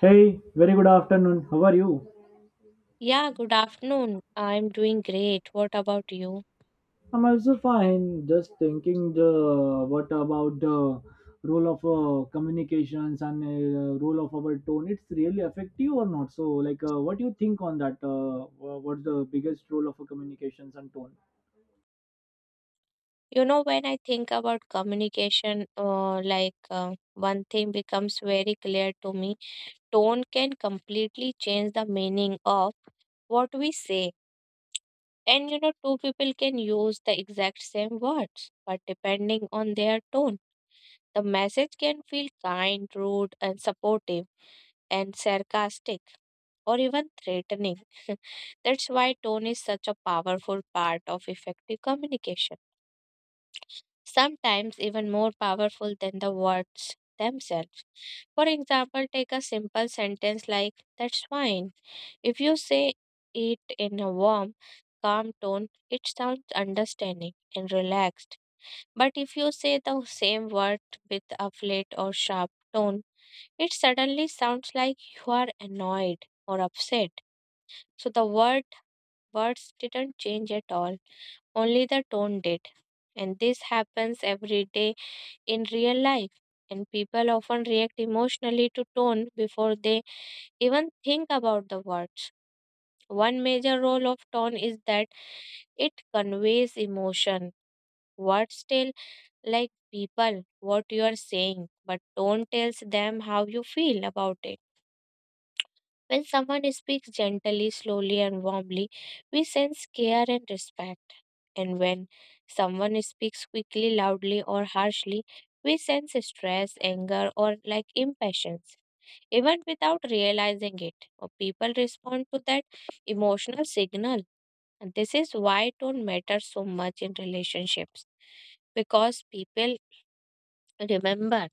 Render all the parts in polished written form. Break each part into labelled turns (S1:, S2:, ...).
S1: Hey, very good afternoon. How are you?
S2: Yeah, good afternoon. I'm doing great. What about you?
S1: I'm also fine. Just thinking the what about the role of communications and role of our tone. It's really effective or not? So, what do you think on that? What's the biggest role of a communications and tone?
S2: You know, when I think about communication, one thing becomes very clear to me, tone can completely change the meaning of what we say. And you know, two people can use the exact same words, but depending on their tone, the message can feel kind, rude, and supportive, and sarcastic, or even threatening. That's why tone is such a powerful part of effective communication, sometimes even more powerful than the words themselves. For example, take a simple sentence like, "That's fine." If you say it in a warm, calm tone, it sounds understanding and relaxed. But if you say the same word with a flat or sharp tone, it suddenly sounds like you are annoyed or upset. So the Words didn't change at all, only the tone did. And this happens every day in real life. And people often react emotionally to tone before they even think about the words. One major role of tone is that it conveys emotion. Words tell like people what you are saying, but tone tells them how you feel about it. When someone speaks gently, slowly, and warmly, we sense care and respect. And when someone speaks quickly, loudly, or harshly, we sense stress, anger, or like impatience even without realizing it. Or people respond to that emotional signal. And this is why it don't matter so much in relationships because people remember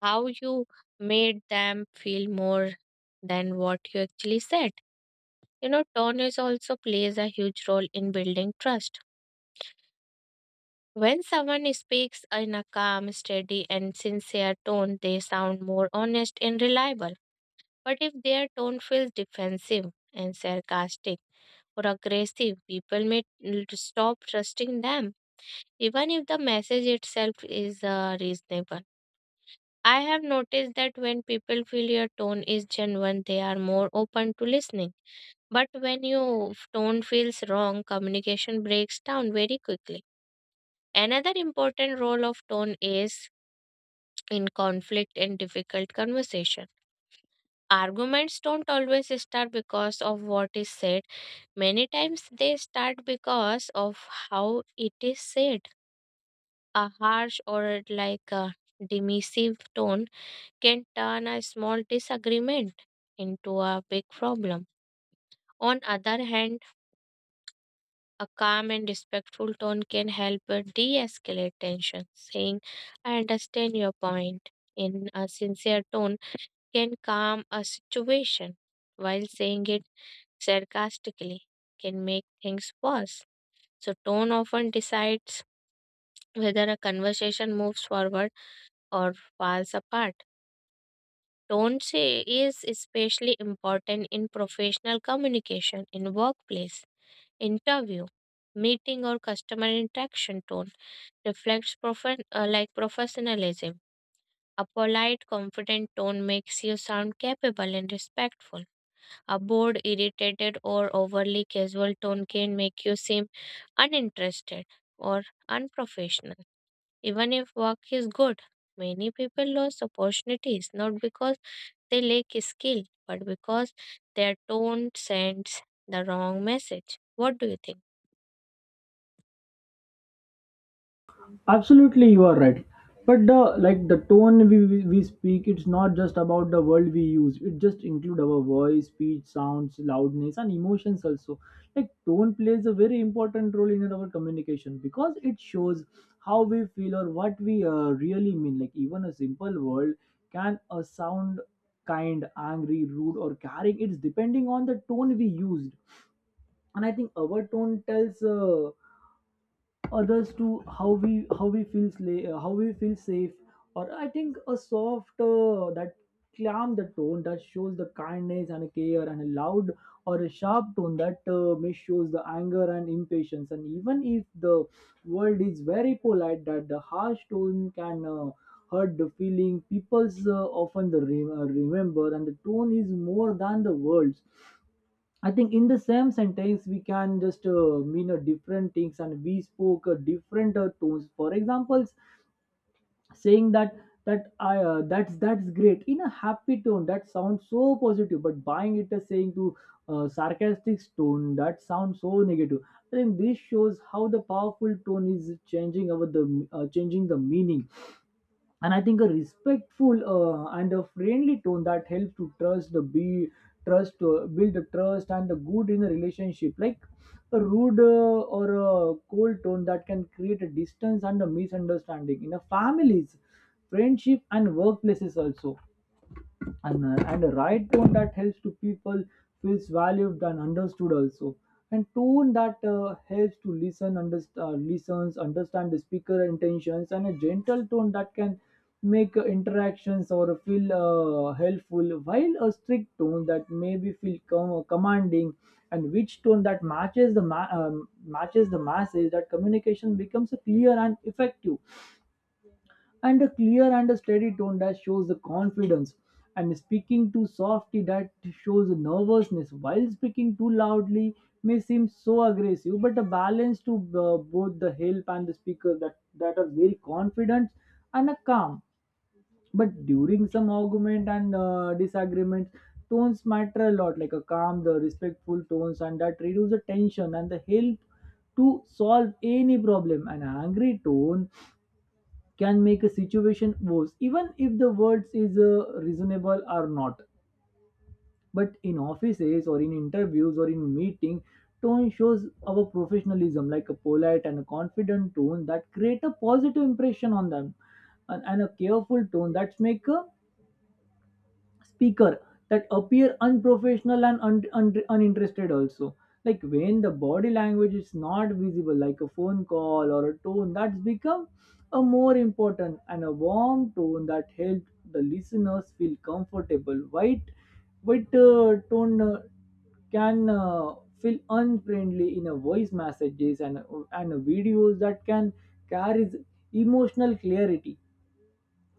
S2: how you made them feel more than what you actually said. You know, tone is also plays a huge role in building trust. When someone speaks in a calm, steady, and sincere tone, they sound more honest and reliable. But if their tone feels defensive and sarcastic or aggressive, people may stop trusting them, even if the message itself is reasonable. I have noticed that when people feel your tone is genuine, they are more open to listening. But when your tone feels wrong, communication breaks down very quickly. Another important role of tone is in conflict and difficult conversation. Arguments don't always start because of what is said. Many times they start because of how it is said. A harsh or like a dismissive tone can turn a small disagreement into a big problem. On other hand, a calm and respectful tone can help de-escalate tension. Saying, "I understand your point" in a sincere tone can calm a situation, while saying it sarcastically can make things worse. So tone often decides whether a conversation moves forward or falls apart. Tone say is especially important in professional communication in workplace, interview, meeting or customer interaction, tone reflects professionalism. A polite, confident tone makes you sound capable and respectful. A bored, irritated, or overly casual tone can make you seem uninterested or unprofessional. Even if work is good, many people lose opportunities not because they lack skill, but because their tone sends the wrong message. What do you think?
S1: Absolutely, you are right, but the tone we speak, it's not just about the word we use, it just include our voice, speech sounds, loudness, and emotions also. Like, tone plays a very important role in our communication because it shows how we feel or what we really mean. Like, even a simple word can sound kind, angry, rude, or caring. It's depending on the tone we used. And I think our tone tells others to how we feel how we feel safe. Or I think a soft that calm the tone that shows the kindness and care, and a loud or a sharp tone that may shows the anger and impatience. And even if the world is very polite, that the harsh tone can hurt the feeling. People's often the remember, and the tone is more than the words. I think in the same sentence we can just mean a different things and we spoke a different tones. For example, saying that's great in a happy tone that sounds so positive, but buying it as saying to sarcastic tone, that sounds so negative. I think this shows how the powerful tone is changing our the changing the meaning. And I think a respectful and a friendly tone that helps to trust the be trust build the trust and the good in a relationship. Like a rude or a cold tone that can create a distance and a misunderstanding in a families, friendship, and workplaces also. And a right tone that helps to people feels valued and understood also. And tone that helps to listens understand the speaker intentions. And a gentle tone that can make interactions or feel helpful, while a strict tone that maybe feel commanding. And which tone that matches the matches the masses, that communication becomes clear and effective. And a clear and a steady tone that shows the confidence, and speaking too softly that shows nervousness, while speaking too loudly may seem so aggressive, but a balance to both the help and the speaker, that that are very confident. And a calm, but during some argument and disagreements, tones matter a lot. Like a calm the respectful tones, and that reduce the tension and the help to solve any problem. An angry tone can make a situation worse even if the words is reasonable or not. But in offices or in interviews or in meeting, tone shows our professionalism. Like a polite and a confident tone that create a positive impression on them, and a careful tone that make a speaker that appear unprofessional and uninterested also. Like when the body language is not visible, like a phone call, or a tone that's become a more important, and a warm tone that helped the listeners feel comfortable. White white tone can feel unfriendly in a voice messages, and videos that can carries emotional clarity.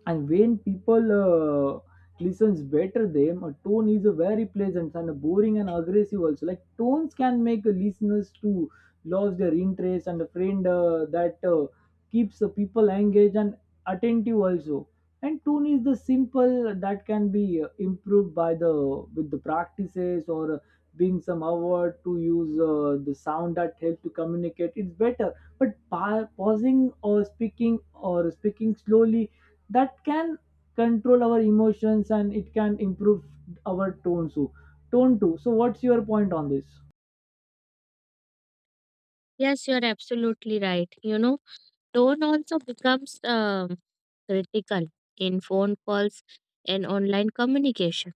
S1: And when people listens better them, a tone is a very pleasant and boring and aggressive also. Like tones can make listeners to lose their interest, and a friend that keeps the people engaged and attentive also. And tone is the simple that can be improved by the with the practices, or being some award to use the sound that help to communicate it's better. But pausing or speaking slowly, that can control our emotions, and it can improve our tone too. Tone too, so what's your point on this?
S2: Yes, you're absolutely right. You know, tone also becomes critical in phone calls and online communication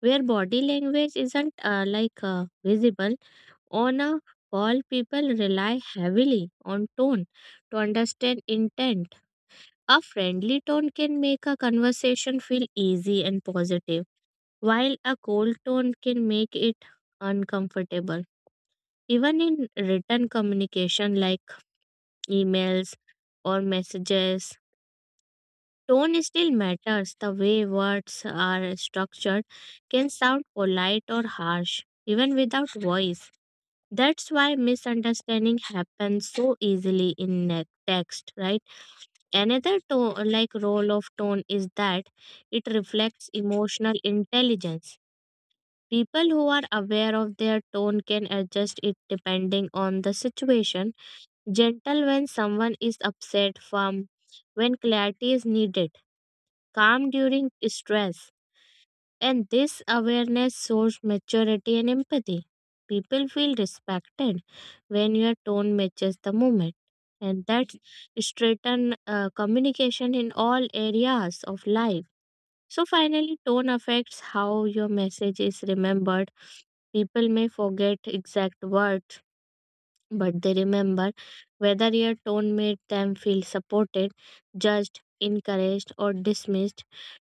S2: where body language isn't visible. On a call, people rely heavily on tone to understand intent. A friendly tone can make a conversation feel easy and positive, while a cold tone can make it uncomfortable. Even in written communication like emails or messages, tone still matters. The way words are structured can sound polite or harsh, even without voice. That's why misunderstanding happens so easily in text, right? Another tone, like role of tone is that it reflects emotional intelligence. People who are aware of their tone can adjust it depending on the situation. Gentle when someone is upset, firm when clarity is needed, calm during stress. And this awareness shows maturity and empathy. People feel respected when your tone matches the moment. And that's straighten communication in all areas of life. So, finally, tone affects how your message is remembered. People may forget exact words but they remember whether your tone made them feel supported, judged, encouraged, or dismissed.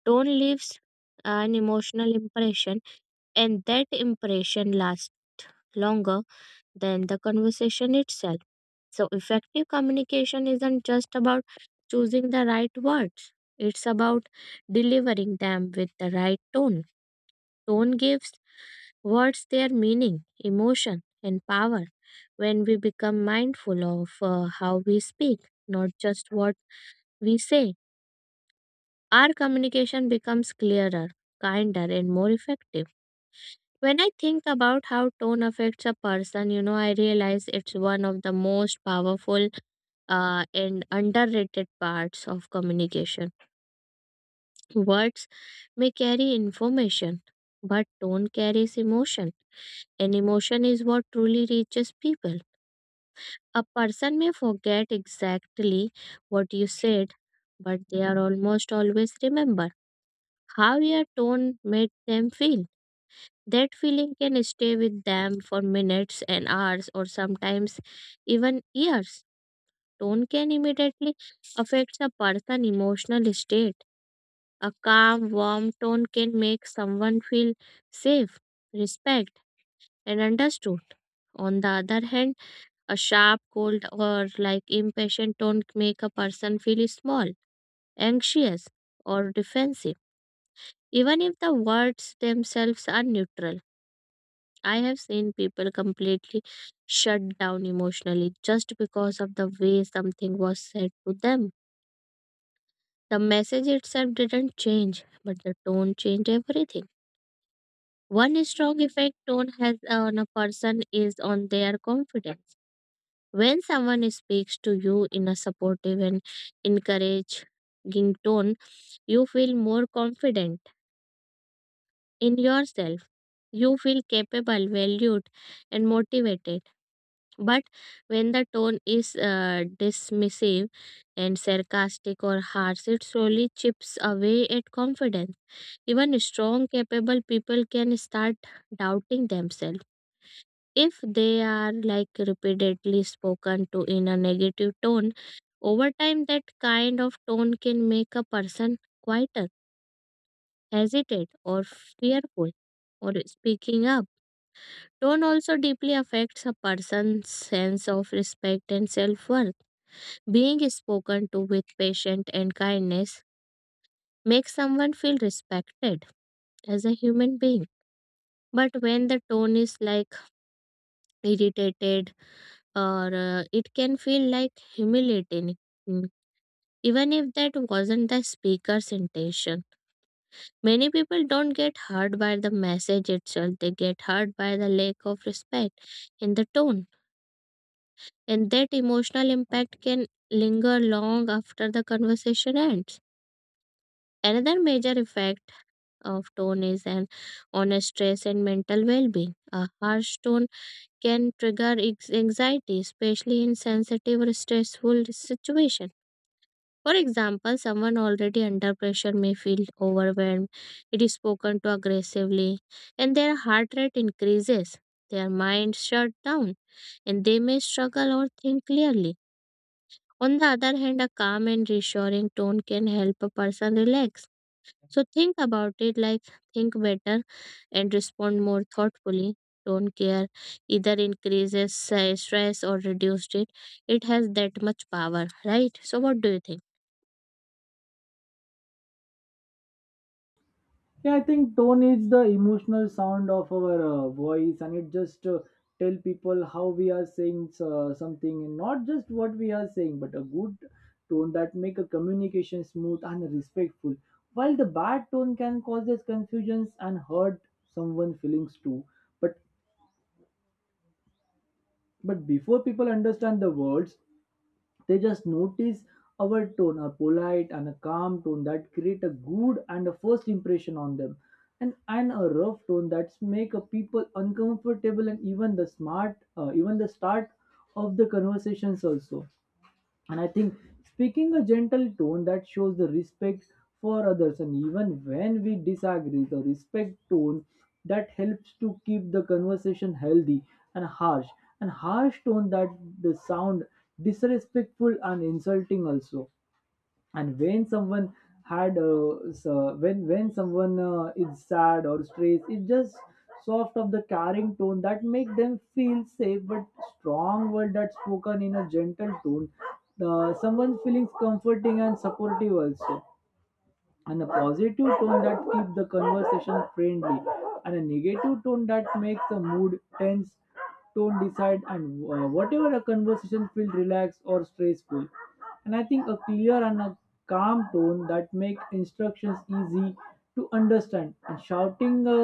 S2: Tone leaves an emotional impression, and that impression lasts longer than the conversation itself. So, effective communication isn't just about choosing the right words, it's about delivering them with the right tone. Tone gives What's their meaning, emotion, and power. When we become mindful of how we speak, not just what we say, our communication becomes clearer, kinder, and more effective. When I think about how tone affects a person, you know, I realize it's one of the most powerful and underrated parts of communication. Words may carry information, but tone carries emotion, and emotion is what truly reaches people. A person may forget exactly what you said, but they are almost always remember how your tone made them feel. That feeling can stay with them for minutes and hours, or sometimes even years. Tone can immediately affect a person's emotional state. A calm, warm tone can make someone feel safe, respect, and understood. On the other hand, a sharp, cold, or like impatient tone can make a person feel small, anxious, or defensive, even if the words themselves are neutral. I have seen people completely shut down emotionally just because of the way something was said to them. The message itself didn't change, but the tone changed everything. One strong effect tone has on a person is on their confidence. When someone speaks to you in a supportive and encouraging tone, you feel more confident in yourself. You feel capable, valued, and motivated. But when the tone is dismissive and sarcastic or harsh, it slowly chips away at confidence. Even strong, capable people can start doubting themselves. If they are like repeatedly spoken to in a negative tone, over time that kind of tone can make a person quieter, hesitant, or fearful, or speaking up. Tone also deeply affects a person's sense of respect and self worth. Being spoken to with patience and kindness makes someone feel respected as a human being. But when the tone is like irritated, or it can feel like humiliating, mm, even if that wasn't the speaker's intention, many people don't get hurt by the message itself, they get hurt by the lack of respect in the tone, and that emotional impact can linger long after the conversation ends. Another major effect of tone is an on stress and mental well-being. A harsh tone can trigger anxiety, especially in sensitive or stressful situation. For example, someone already under pressure may feel overwhelmed, it is spoken to aggressively, and their heart rate increases, their mind shut down, and they may struggle or think clearly. On the other hand, a calm and reassuring tone can help a person relax. So think about it, like think better and respond more thoughtfully. Don't care either increases stress or reduced it. It has that much power, right? So, what do you think?
S1: Yeah, I think tone is the emotional sound of our voice, and it just tell people how we are saying something and not just what we are saying. But a good tone that make a communication smooth and respectful, while the bad tone can cause us confusions and hurt someone feelings too. But But before people understand the words, they just notice our tone. A polite and a calm tone that create a good and a first impression on them, and a rough tone that make a people uncomfortable and even the even the start of the conversations also. And I think speaking a gentle tone that shows the respect for others, and even when we disagree, the respect tone that helps to keep the conversation healthy. And harsh and harsh tone that the sound disrespectful and insulting also. And when someone had so when someone is sad or stressed, it's just soft of the caring tone that make them feel safe. But strong word that's spoken in a gentle tone, someone's feelings comforting and supportive also. And a positive tone that keeps the conversation friendly, and a negative tone that makes the mood tense. Tone decide and whatever a conversation feel relaxed or stressful. And I think a clear and a calm tone that make instructions easy to understand, and shouting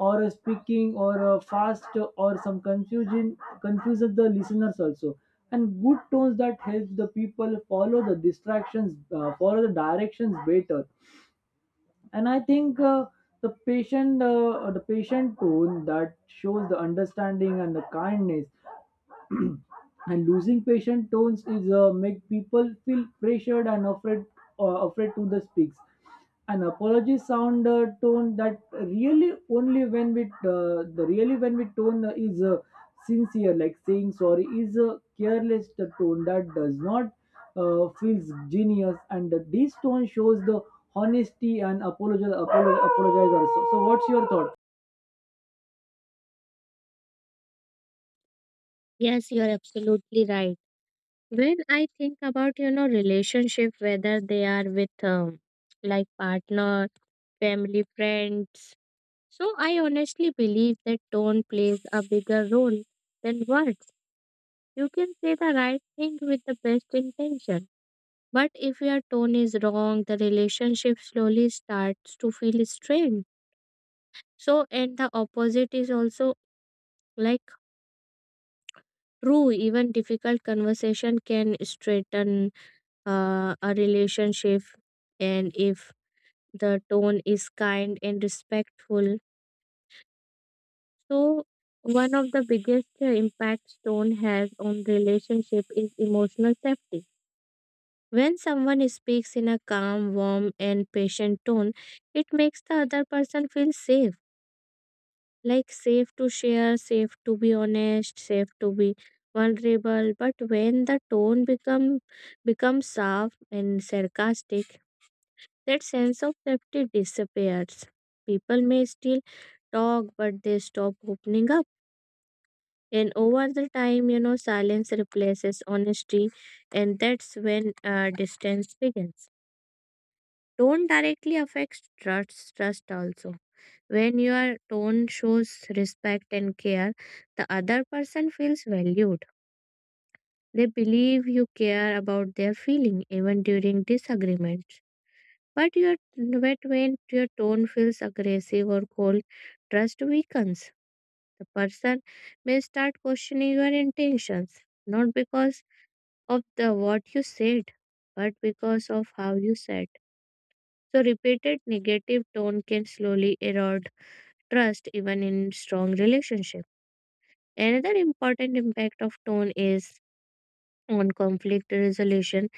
S1: or a speaking or a fast or some confusion confuses the listeners also. And good tones that help the people follow the distractions follow the directions better. And I think the patient tone that shows the understanding and the kindness, and losing patient tones is make people feel pressured and afraid, afraid to the speaks. An apology sound tone that really when we tone is sincere. Like saying sorry is a careless the tone that does not feels genius, and the- this tone shows the honesty and apologize also. So what's your thought?
S2: Yes, you're absolutely right. When I think about, you know, relationship, whether they are with like partner, family, friends. So I honestly believe that tone plays a bigger role than words. You can say the right thing with the best intention. But if your tone is wrong, the relationship slowly starts to feel strained. So, and the opposite is also like true. Even difficult conversation can straighten a relationship, and if the tone is kind and respectful, so one of the biggest impacts tone has on relationship is emotional safety. When someone speaks in a calm warm and patient tone, it makes the other person feel safe, like safe to share, safe to be honest, safe to be vulnerable. But when the tone becomes soft and sarcastic, that sense of safety disappears. People may still talk, but they stop opening up. And over the time, you know, silence replaces honesty, and that's when distance begins. Tone directly affects trust also. When your tone shows respect and care, the other person feels valued. They believe you care about their feeling even during disagreements. But your but when your tone feels aggressive or cold, trust weakens. The person may start questioning your intentions, not because of the what you said, but because of how you said. So repeated negative tone can slowly erode trust even in strong relationship. Another important impact of tone is on conflict resolution.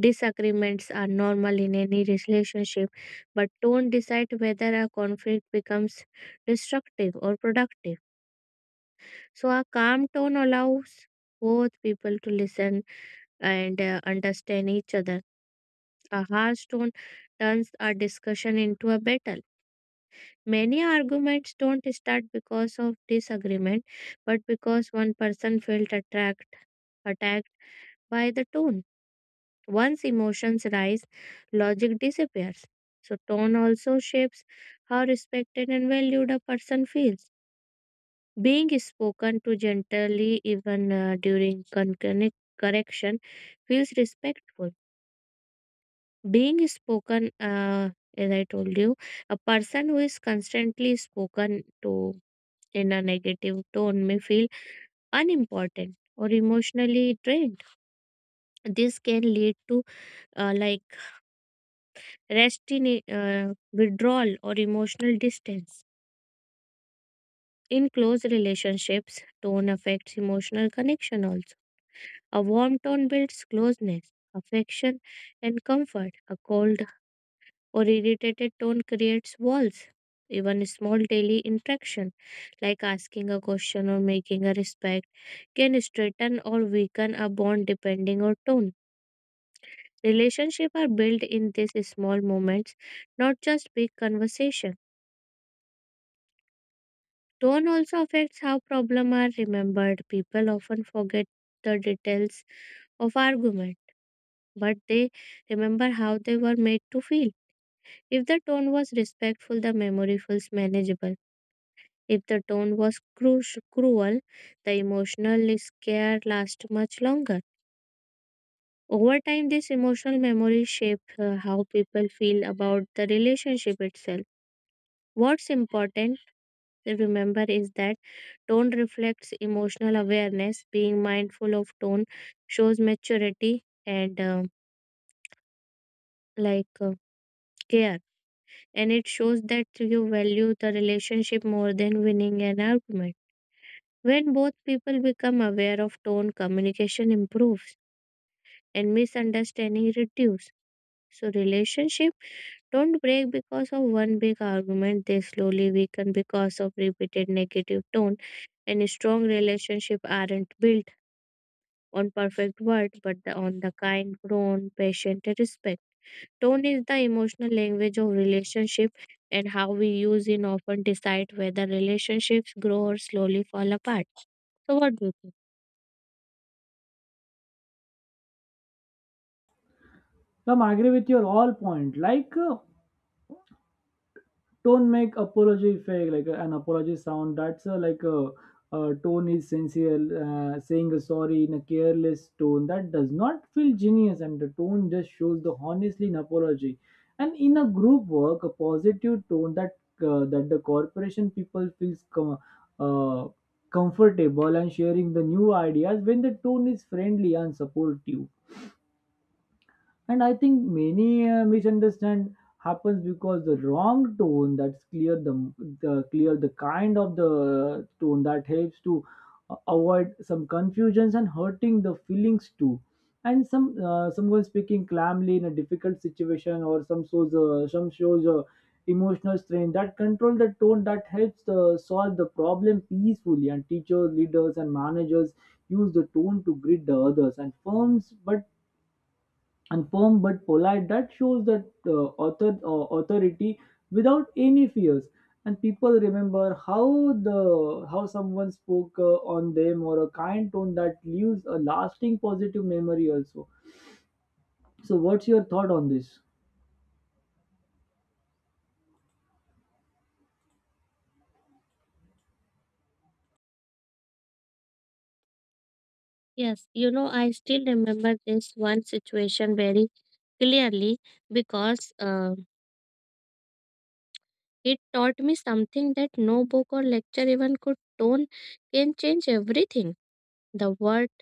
S2: Disagreements are normal in any relationship, but don't decide whether a conflict becomes destructive or productive. So, a calm tone allows both people to listen and understand each other. A harsh tone turns a discussion into a battle. Many arguments don't start because of disagreement, but because one person felt attacked by the tone. Once emotions rise, logic disappears. So, tone also shapes how respected and valued a person feels. Being spoken to gently, even during correction, feels respectful. Being spoken, as I told you, a person who is constantly spoken to in a negative tone may feel unimportant or emotionally drained. This can lead to like resting withdrawal or emotional distance. In close relationships, tone affects emotional connection also. A warm tone builds closeness, affection, and comfort. A cold or irritated tone creates walls. Even a small daily interaction, like asking a question or making a respect, can strengthen or weaken a bond depending on tone. Relationships are built in these small moments, not just big conversations. Tone also affects how problems are remembered. People often forget the details of argument, but they remember how they were made to feel. If the tone was respectful, the memory feels manageable. If the tone was cruel, the emotional scare lasts much longer. Over time, this emotional memory shapes how people feel about the relationship itself. What's important remember is that tone reflects emotional awareness. Being mindful of tone shows maturity and like uh, care, and it shows that you value the relationship more than winning an argument. When both people become aware of tone, communication improves and misunderstanding reduce. So relationship don't break because of one big argument. They slowly weaken because of repeated negative tone, and strong relationship aren't built on perfect words, but on the kind, grown, patient, respect. Tone is the emotional language of relationship, and how we use it often decide whether relationships grow or slowly fall apart. So, what do you think?
S1: Come, I agree with your all point. Like, don't make apology fake. Like, an apology sound that's a tone is sincere. Uh, saying a sorry in a careless tone that does not feel genius, and the tone just shows the honestly in apology. And in a group work, a positive tone that the corporation people feels uh, comfortable and sharing the new ideas when the tone is friendly and supportive. And I think many misunderstand happens because the wrong tone. That's clear the kind of the tone that helps to avoid some confusions and hurting the feelings too. And someone speaking calmly in a difficult situation or some shows emotional strain, that control the tone that helps solve the problem peacefully. And teachers, leaders, and managers use the tone to greet the others and firm but polite, that shows that authority without any fears. And people remember how someone spoke on them, or a kind tone that leaves a lasting positive memory also. So what's your thought on this?
S2: Yes, you know, I still remember this one situation very clearly because it taught me something that no book or lecture even could. Tone can change everything. The words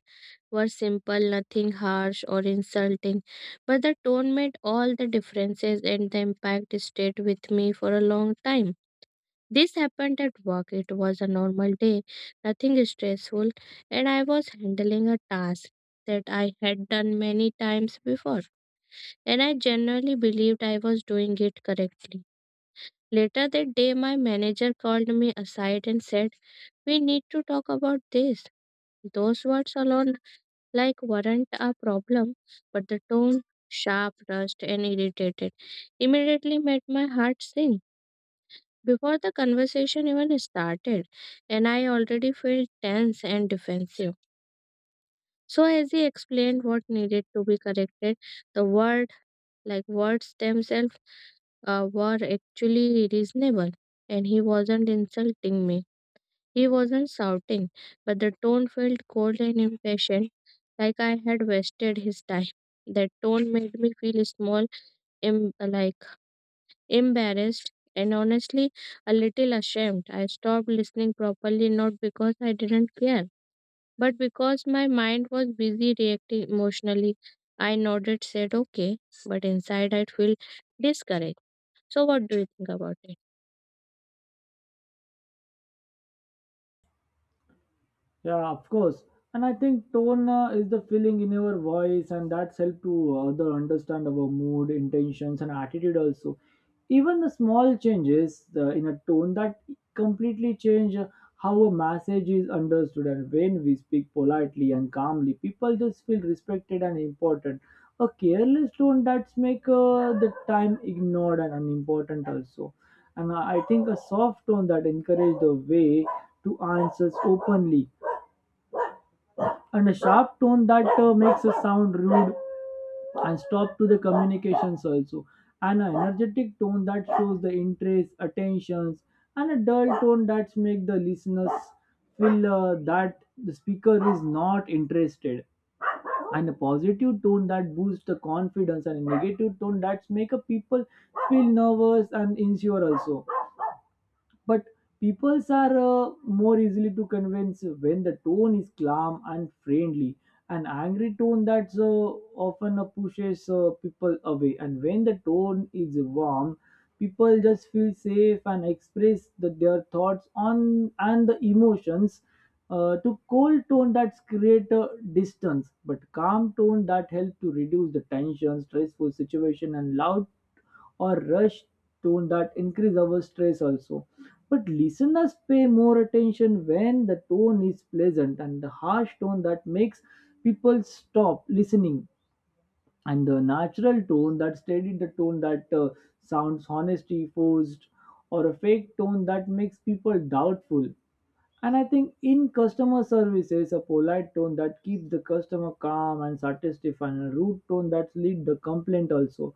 S2: were simple, nothing harsh or insulting, but the tone made all the differences and the impact stayed with me for a long time. This happened at work. It was a normal day, nothing stressful, and I was handling a task that I had done many times before, and I genuinely believed I was doing it correctly. Later that day, my manager called me aside and said, "We need to talk about this." Those words alone like weren't a problem, but the tone, sharp, rushed, and irritated, immediately made my heart sink. Before the conversation even started, and I already felt tense and defensive. So, as he explained what needed to be corrected, the word, like words themselves, were actually reasonable, and he wasn't insulting me. He wasn't shouting, but the tone felt cold and impatient, like I had wasted his time. That tone made me feel small, like embarrassed, and honestly a little ashamed. I stopped listening properly, not because I didn't care, but because my mind was busy reacting emotionally. I nodded, said okay, but inside I feel discouraged. So, what do you think about it?
S1: Yeah, of course. And I think tone is the feeling in your voice, and that's help to other understand our mood, intentions, and attitude also. Even the small changes in a tone that completely change how a message is understood. And when we speak politely and calmly, people just feel respected and important. A careless tone that's make the time ignored and unimportant also. And I think a soft tone that encourage the way to answers openly, and a sharp tone that makes us sound rude and stop to the communications also. And an energetic tone that shows the interest attentions, and a dull tone that makes the listeners feel that the speaker is not interested. And a positive tone that boosts the confidence, and a negative tone that make a people feel nervous and insecure also. But peoples are more easily to convince when the tone is calm and friendly. An angry tone that's often pushes people away. And when the tone is warm, people just feel safe and express their thoughts on and the emotions. Uh, to cold tone that's create a distance, but calm tone that help to reduce the tension stressful situation, and loud or rushed tone that increase our stress also. But listeners pay more attention when the tone is pleasant, and the harsh tone that makes people stop listening. And the natural tone that sounds honesty forced, or a fake tone that makes people doubtful. And I think in customer service, there is a polite tone that keeps the customer calm and satisfied, and a rude tone that lead the complaint also.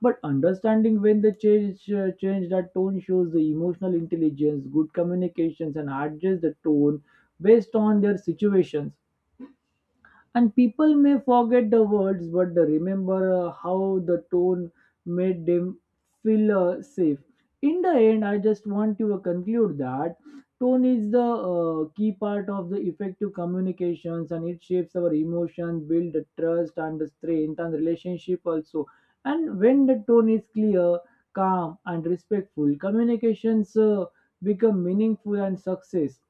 S1: But understanding when they change that tone shows the emotional intelligence, good communications, and adjust the tone based on their situations. And people may forget the words, but they remember how the tone made them feel safe. In the end, I just want to conclude that tone is the key part of the effective communications, and it shapes our emotion, build the trust and the strength and relationship also. And when the tone is clear, calm, and respectful, become meaningful and success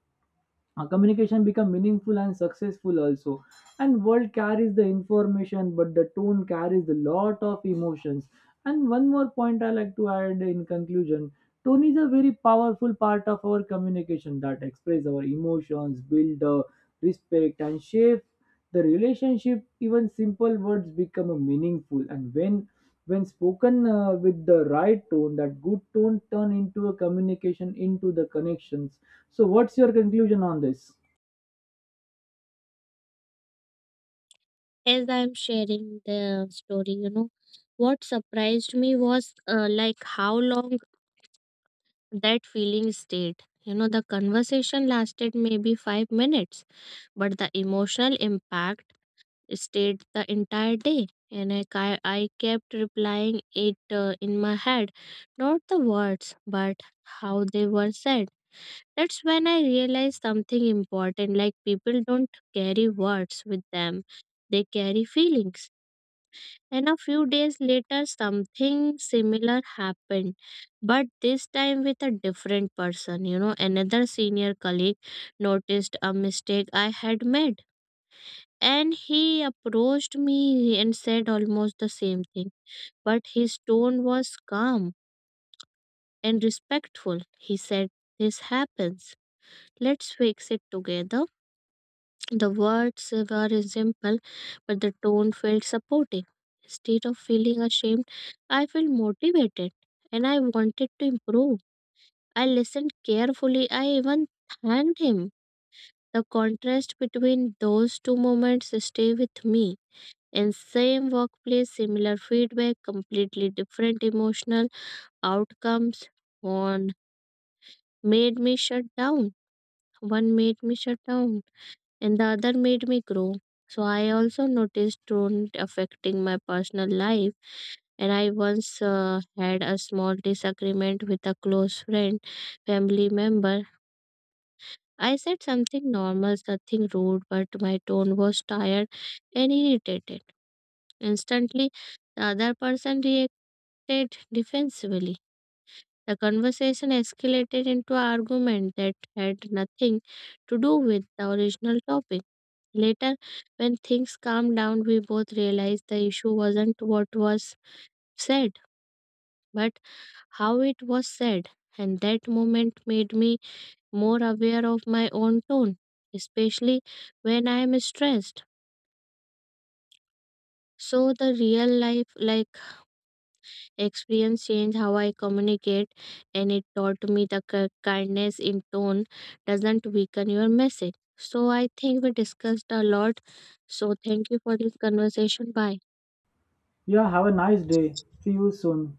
S1: communication become meaningful and successful also. And world carries the information, but the tone carries a lot of emotions. And one more point I like to add in conclusion, tone is a very powerful part of our communication that express our emotions, build the respect, and shape the relationship. Even simple words become a meaningful, and when spoken with the right tone, that good tone turn into a communication into the connections. So, what's your conclusion on this?
S2: As I'm sharing the story, you know, what surprised me was like how long that feeling stayed. You know, the conversation lasted maybe 5 minutes, but the emotional impact stayed the entire day. And I kept replying it in my head, not the words, but how they were said. That's when I realized something important like, people don't carry words with them, they carry feelings. And a few days later, something similar happened, but this time with a different person. You know, another senior colleague noticed a mistake I had made, and he approached me and said almost the same thing. But his tone was calm and respectful. He said, "This happens. Let's fix it together." The words were simple, but the tone felt supportive. Instead of feeling ashamed, I felt motivated and I wanted to improve. I listened carefully. I even thanked him. The contrast between those two moments stay with me. In same workplace, similar feedback, completely different emotional outcomes. One made me shut down. One made me shut down and the other made me grow. So I also noticed tone affecting my personal life. And I once had a small disagreement with a close friend, family member. I said something normal, nothing rude, but my tone was tired and irritated. Instantly, the other person reacted defensively. The conversation escalated into an argument that had nothing to do with the original topic. Later, when things calmed down, we both realized the issue wasn't what was said, but how it was said. And that moment made me more aware of my own tone, especially when I am stressed. So the real life like experience changed how I communicate, and it taught me the kindness in tone doesn't weaken your message. So I think we discussed a lot. So thank you for this conversation. Bye.
S1: Yeah, have a nice day. See you soon.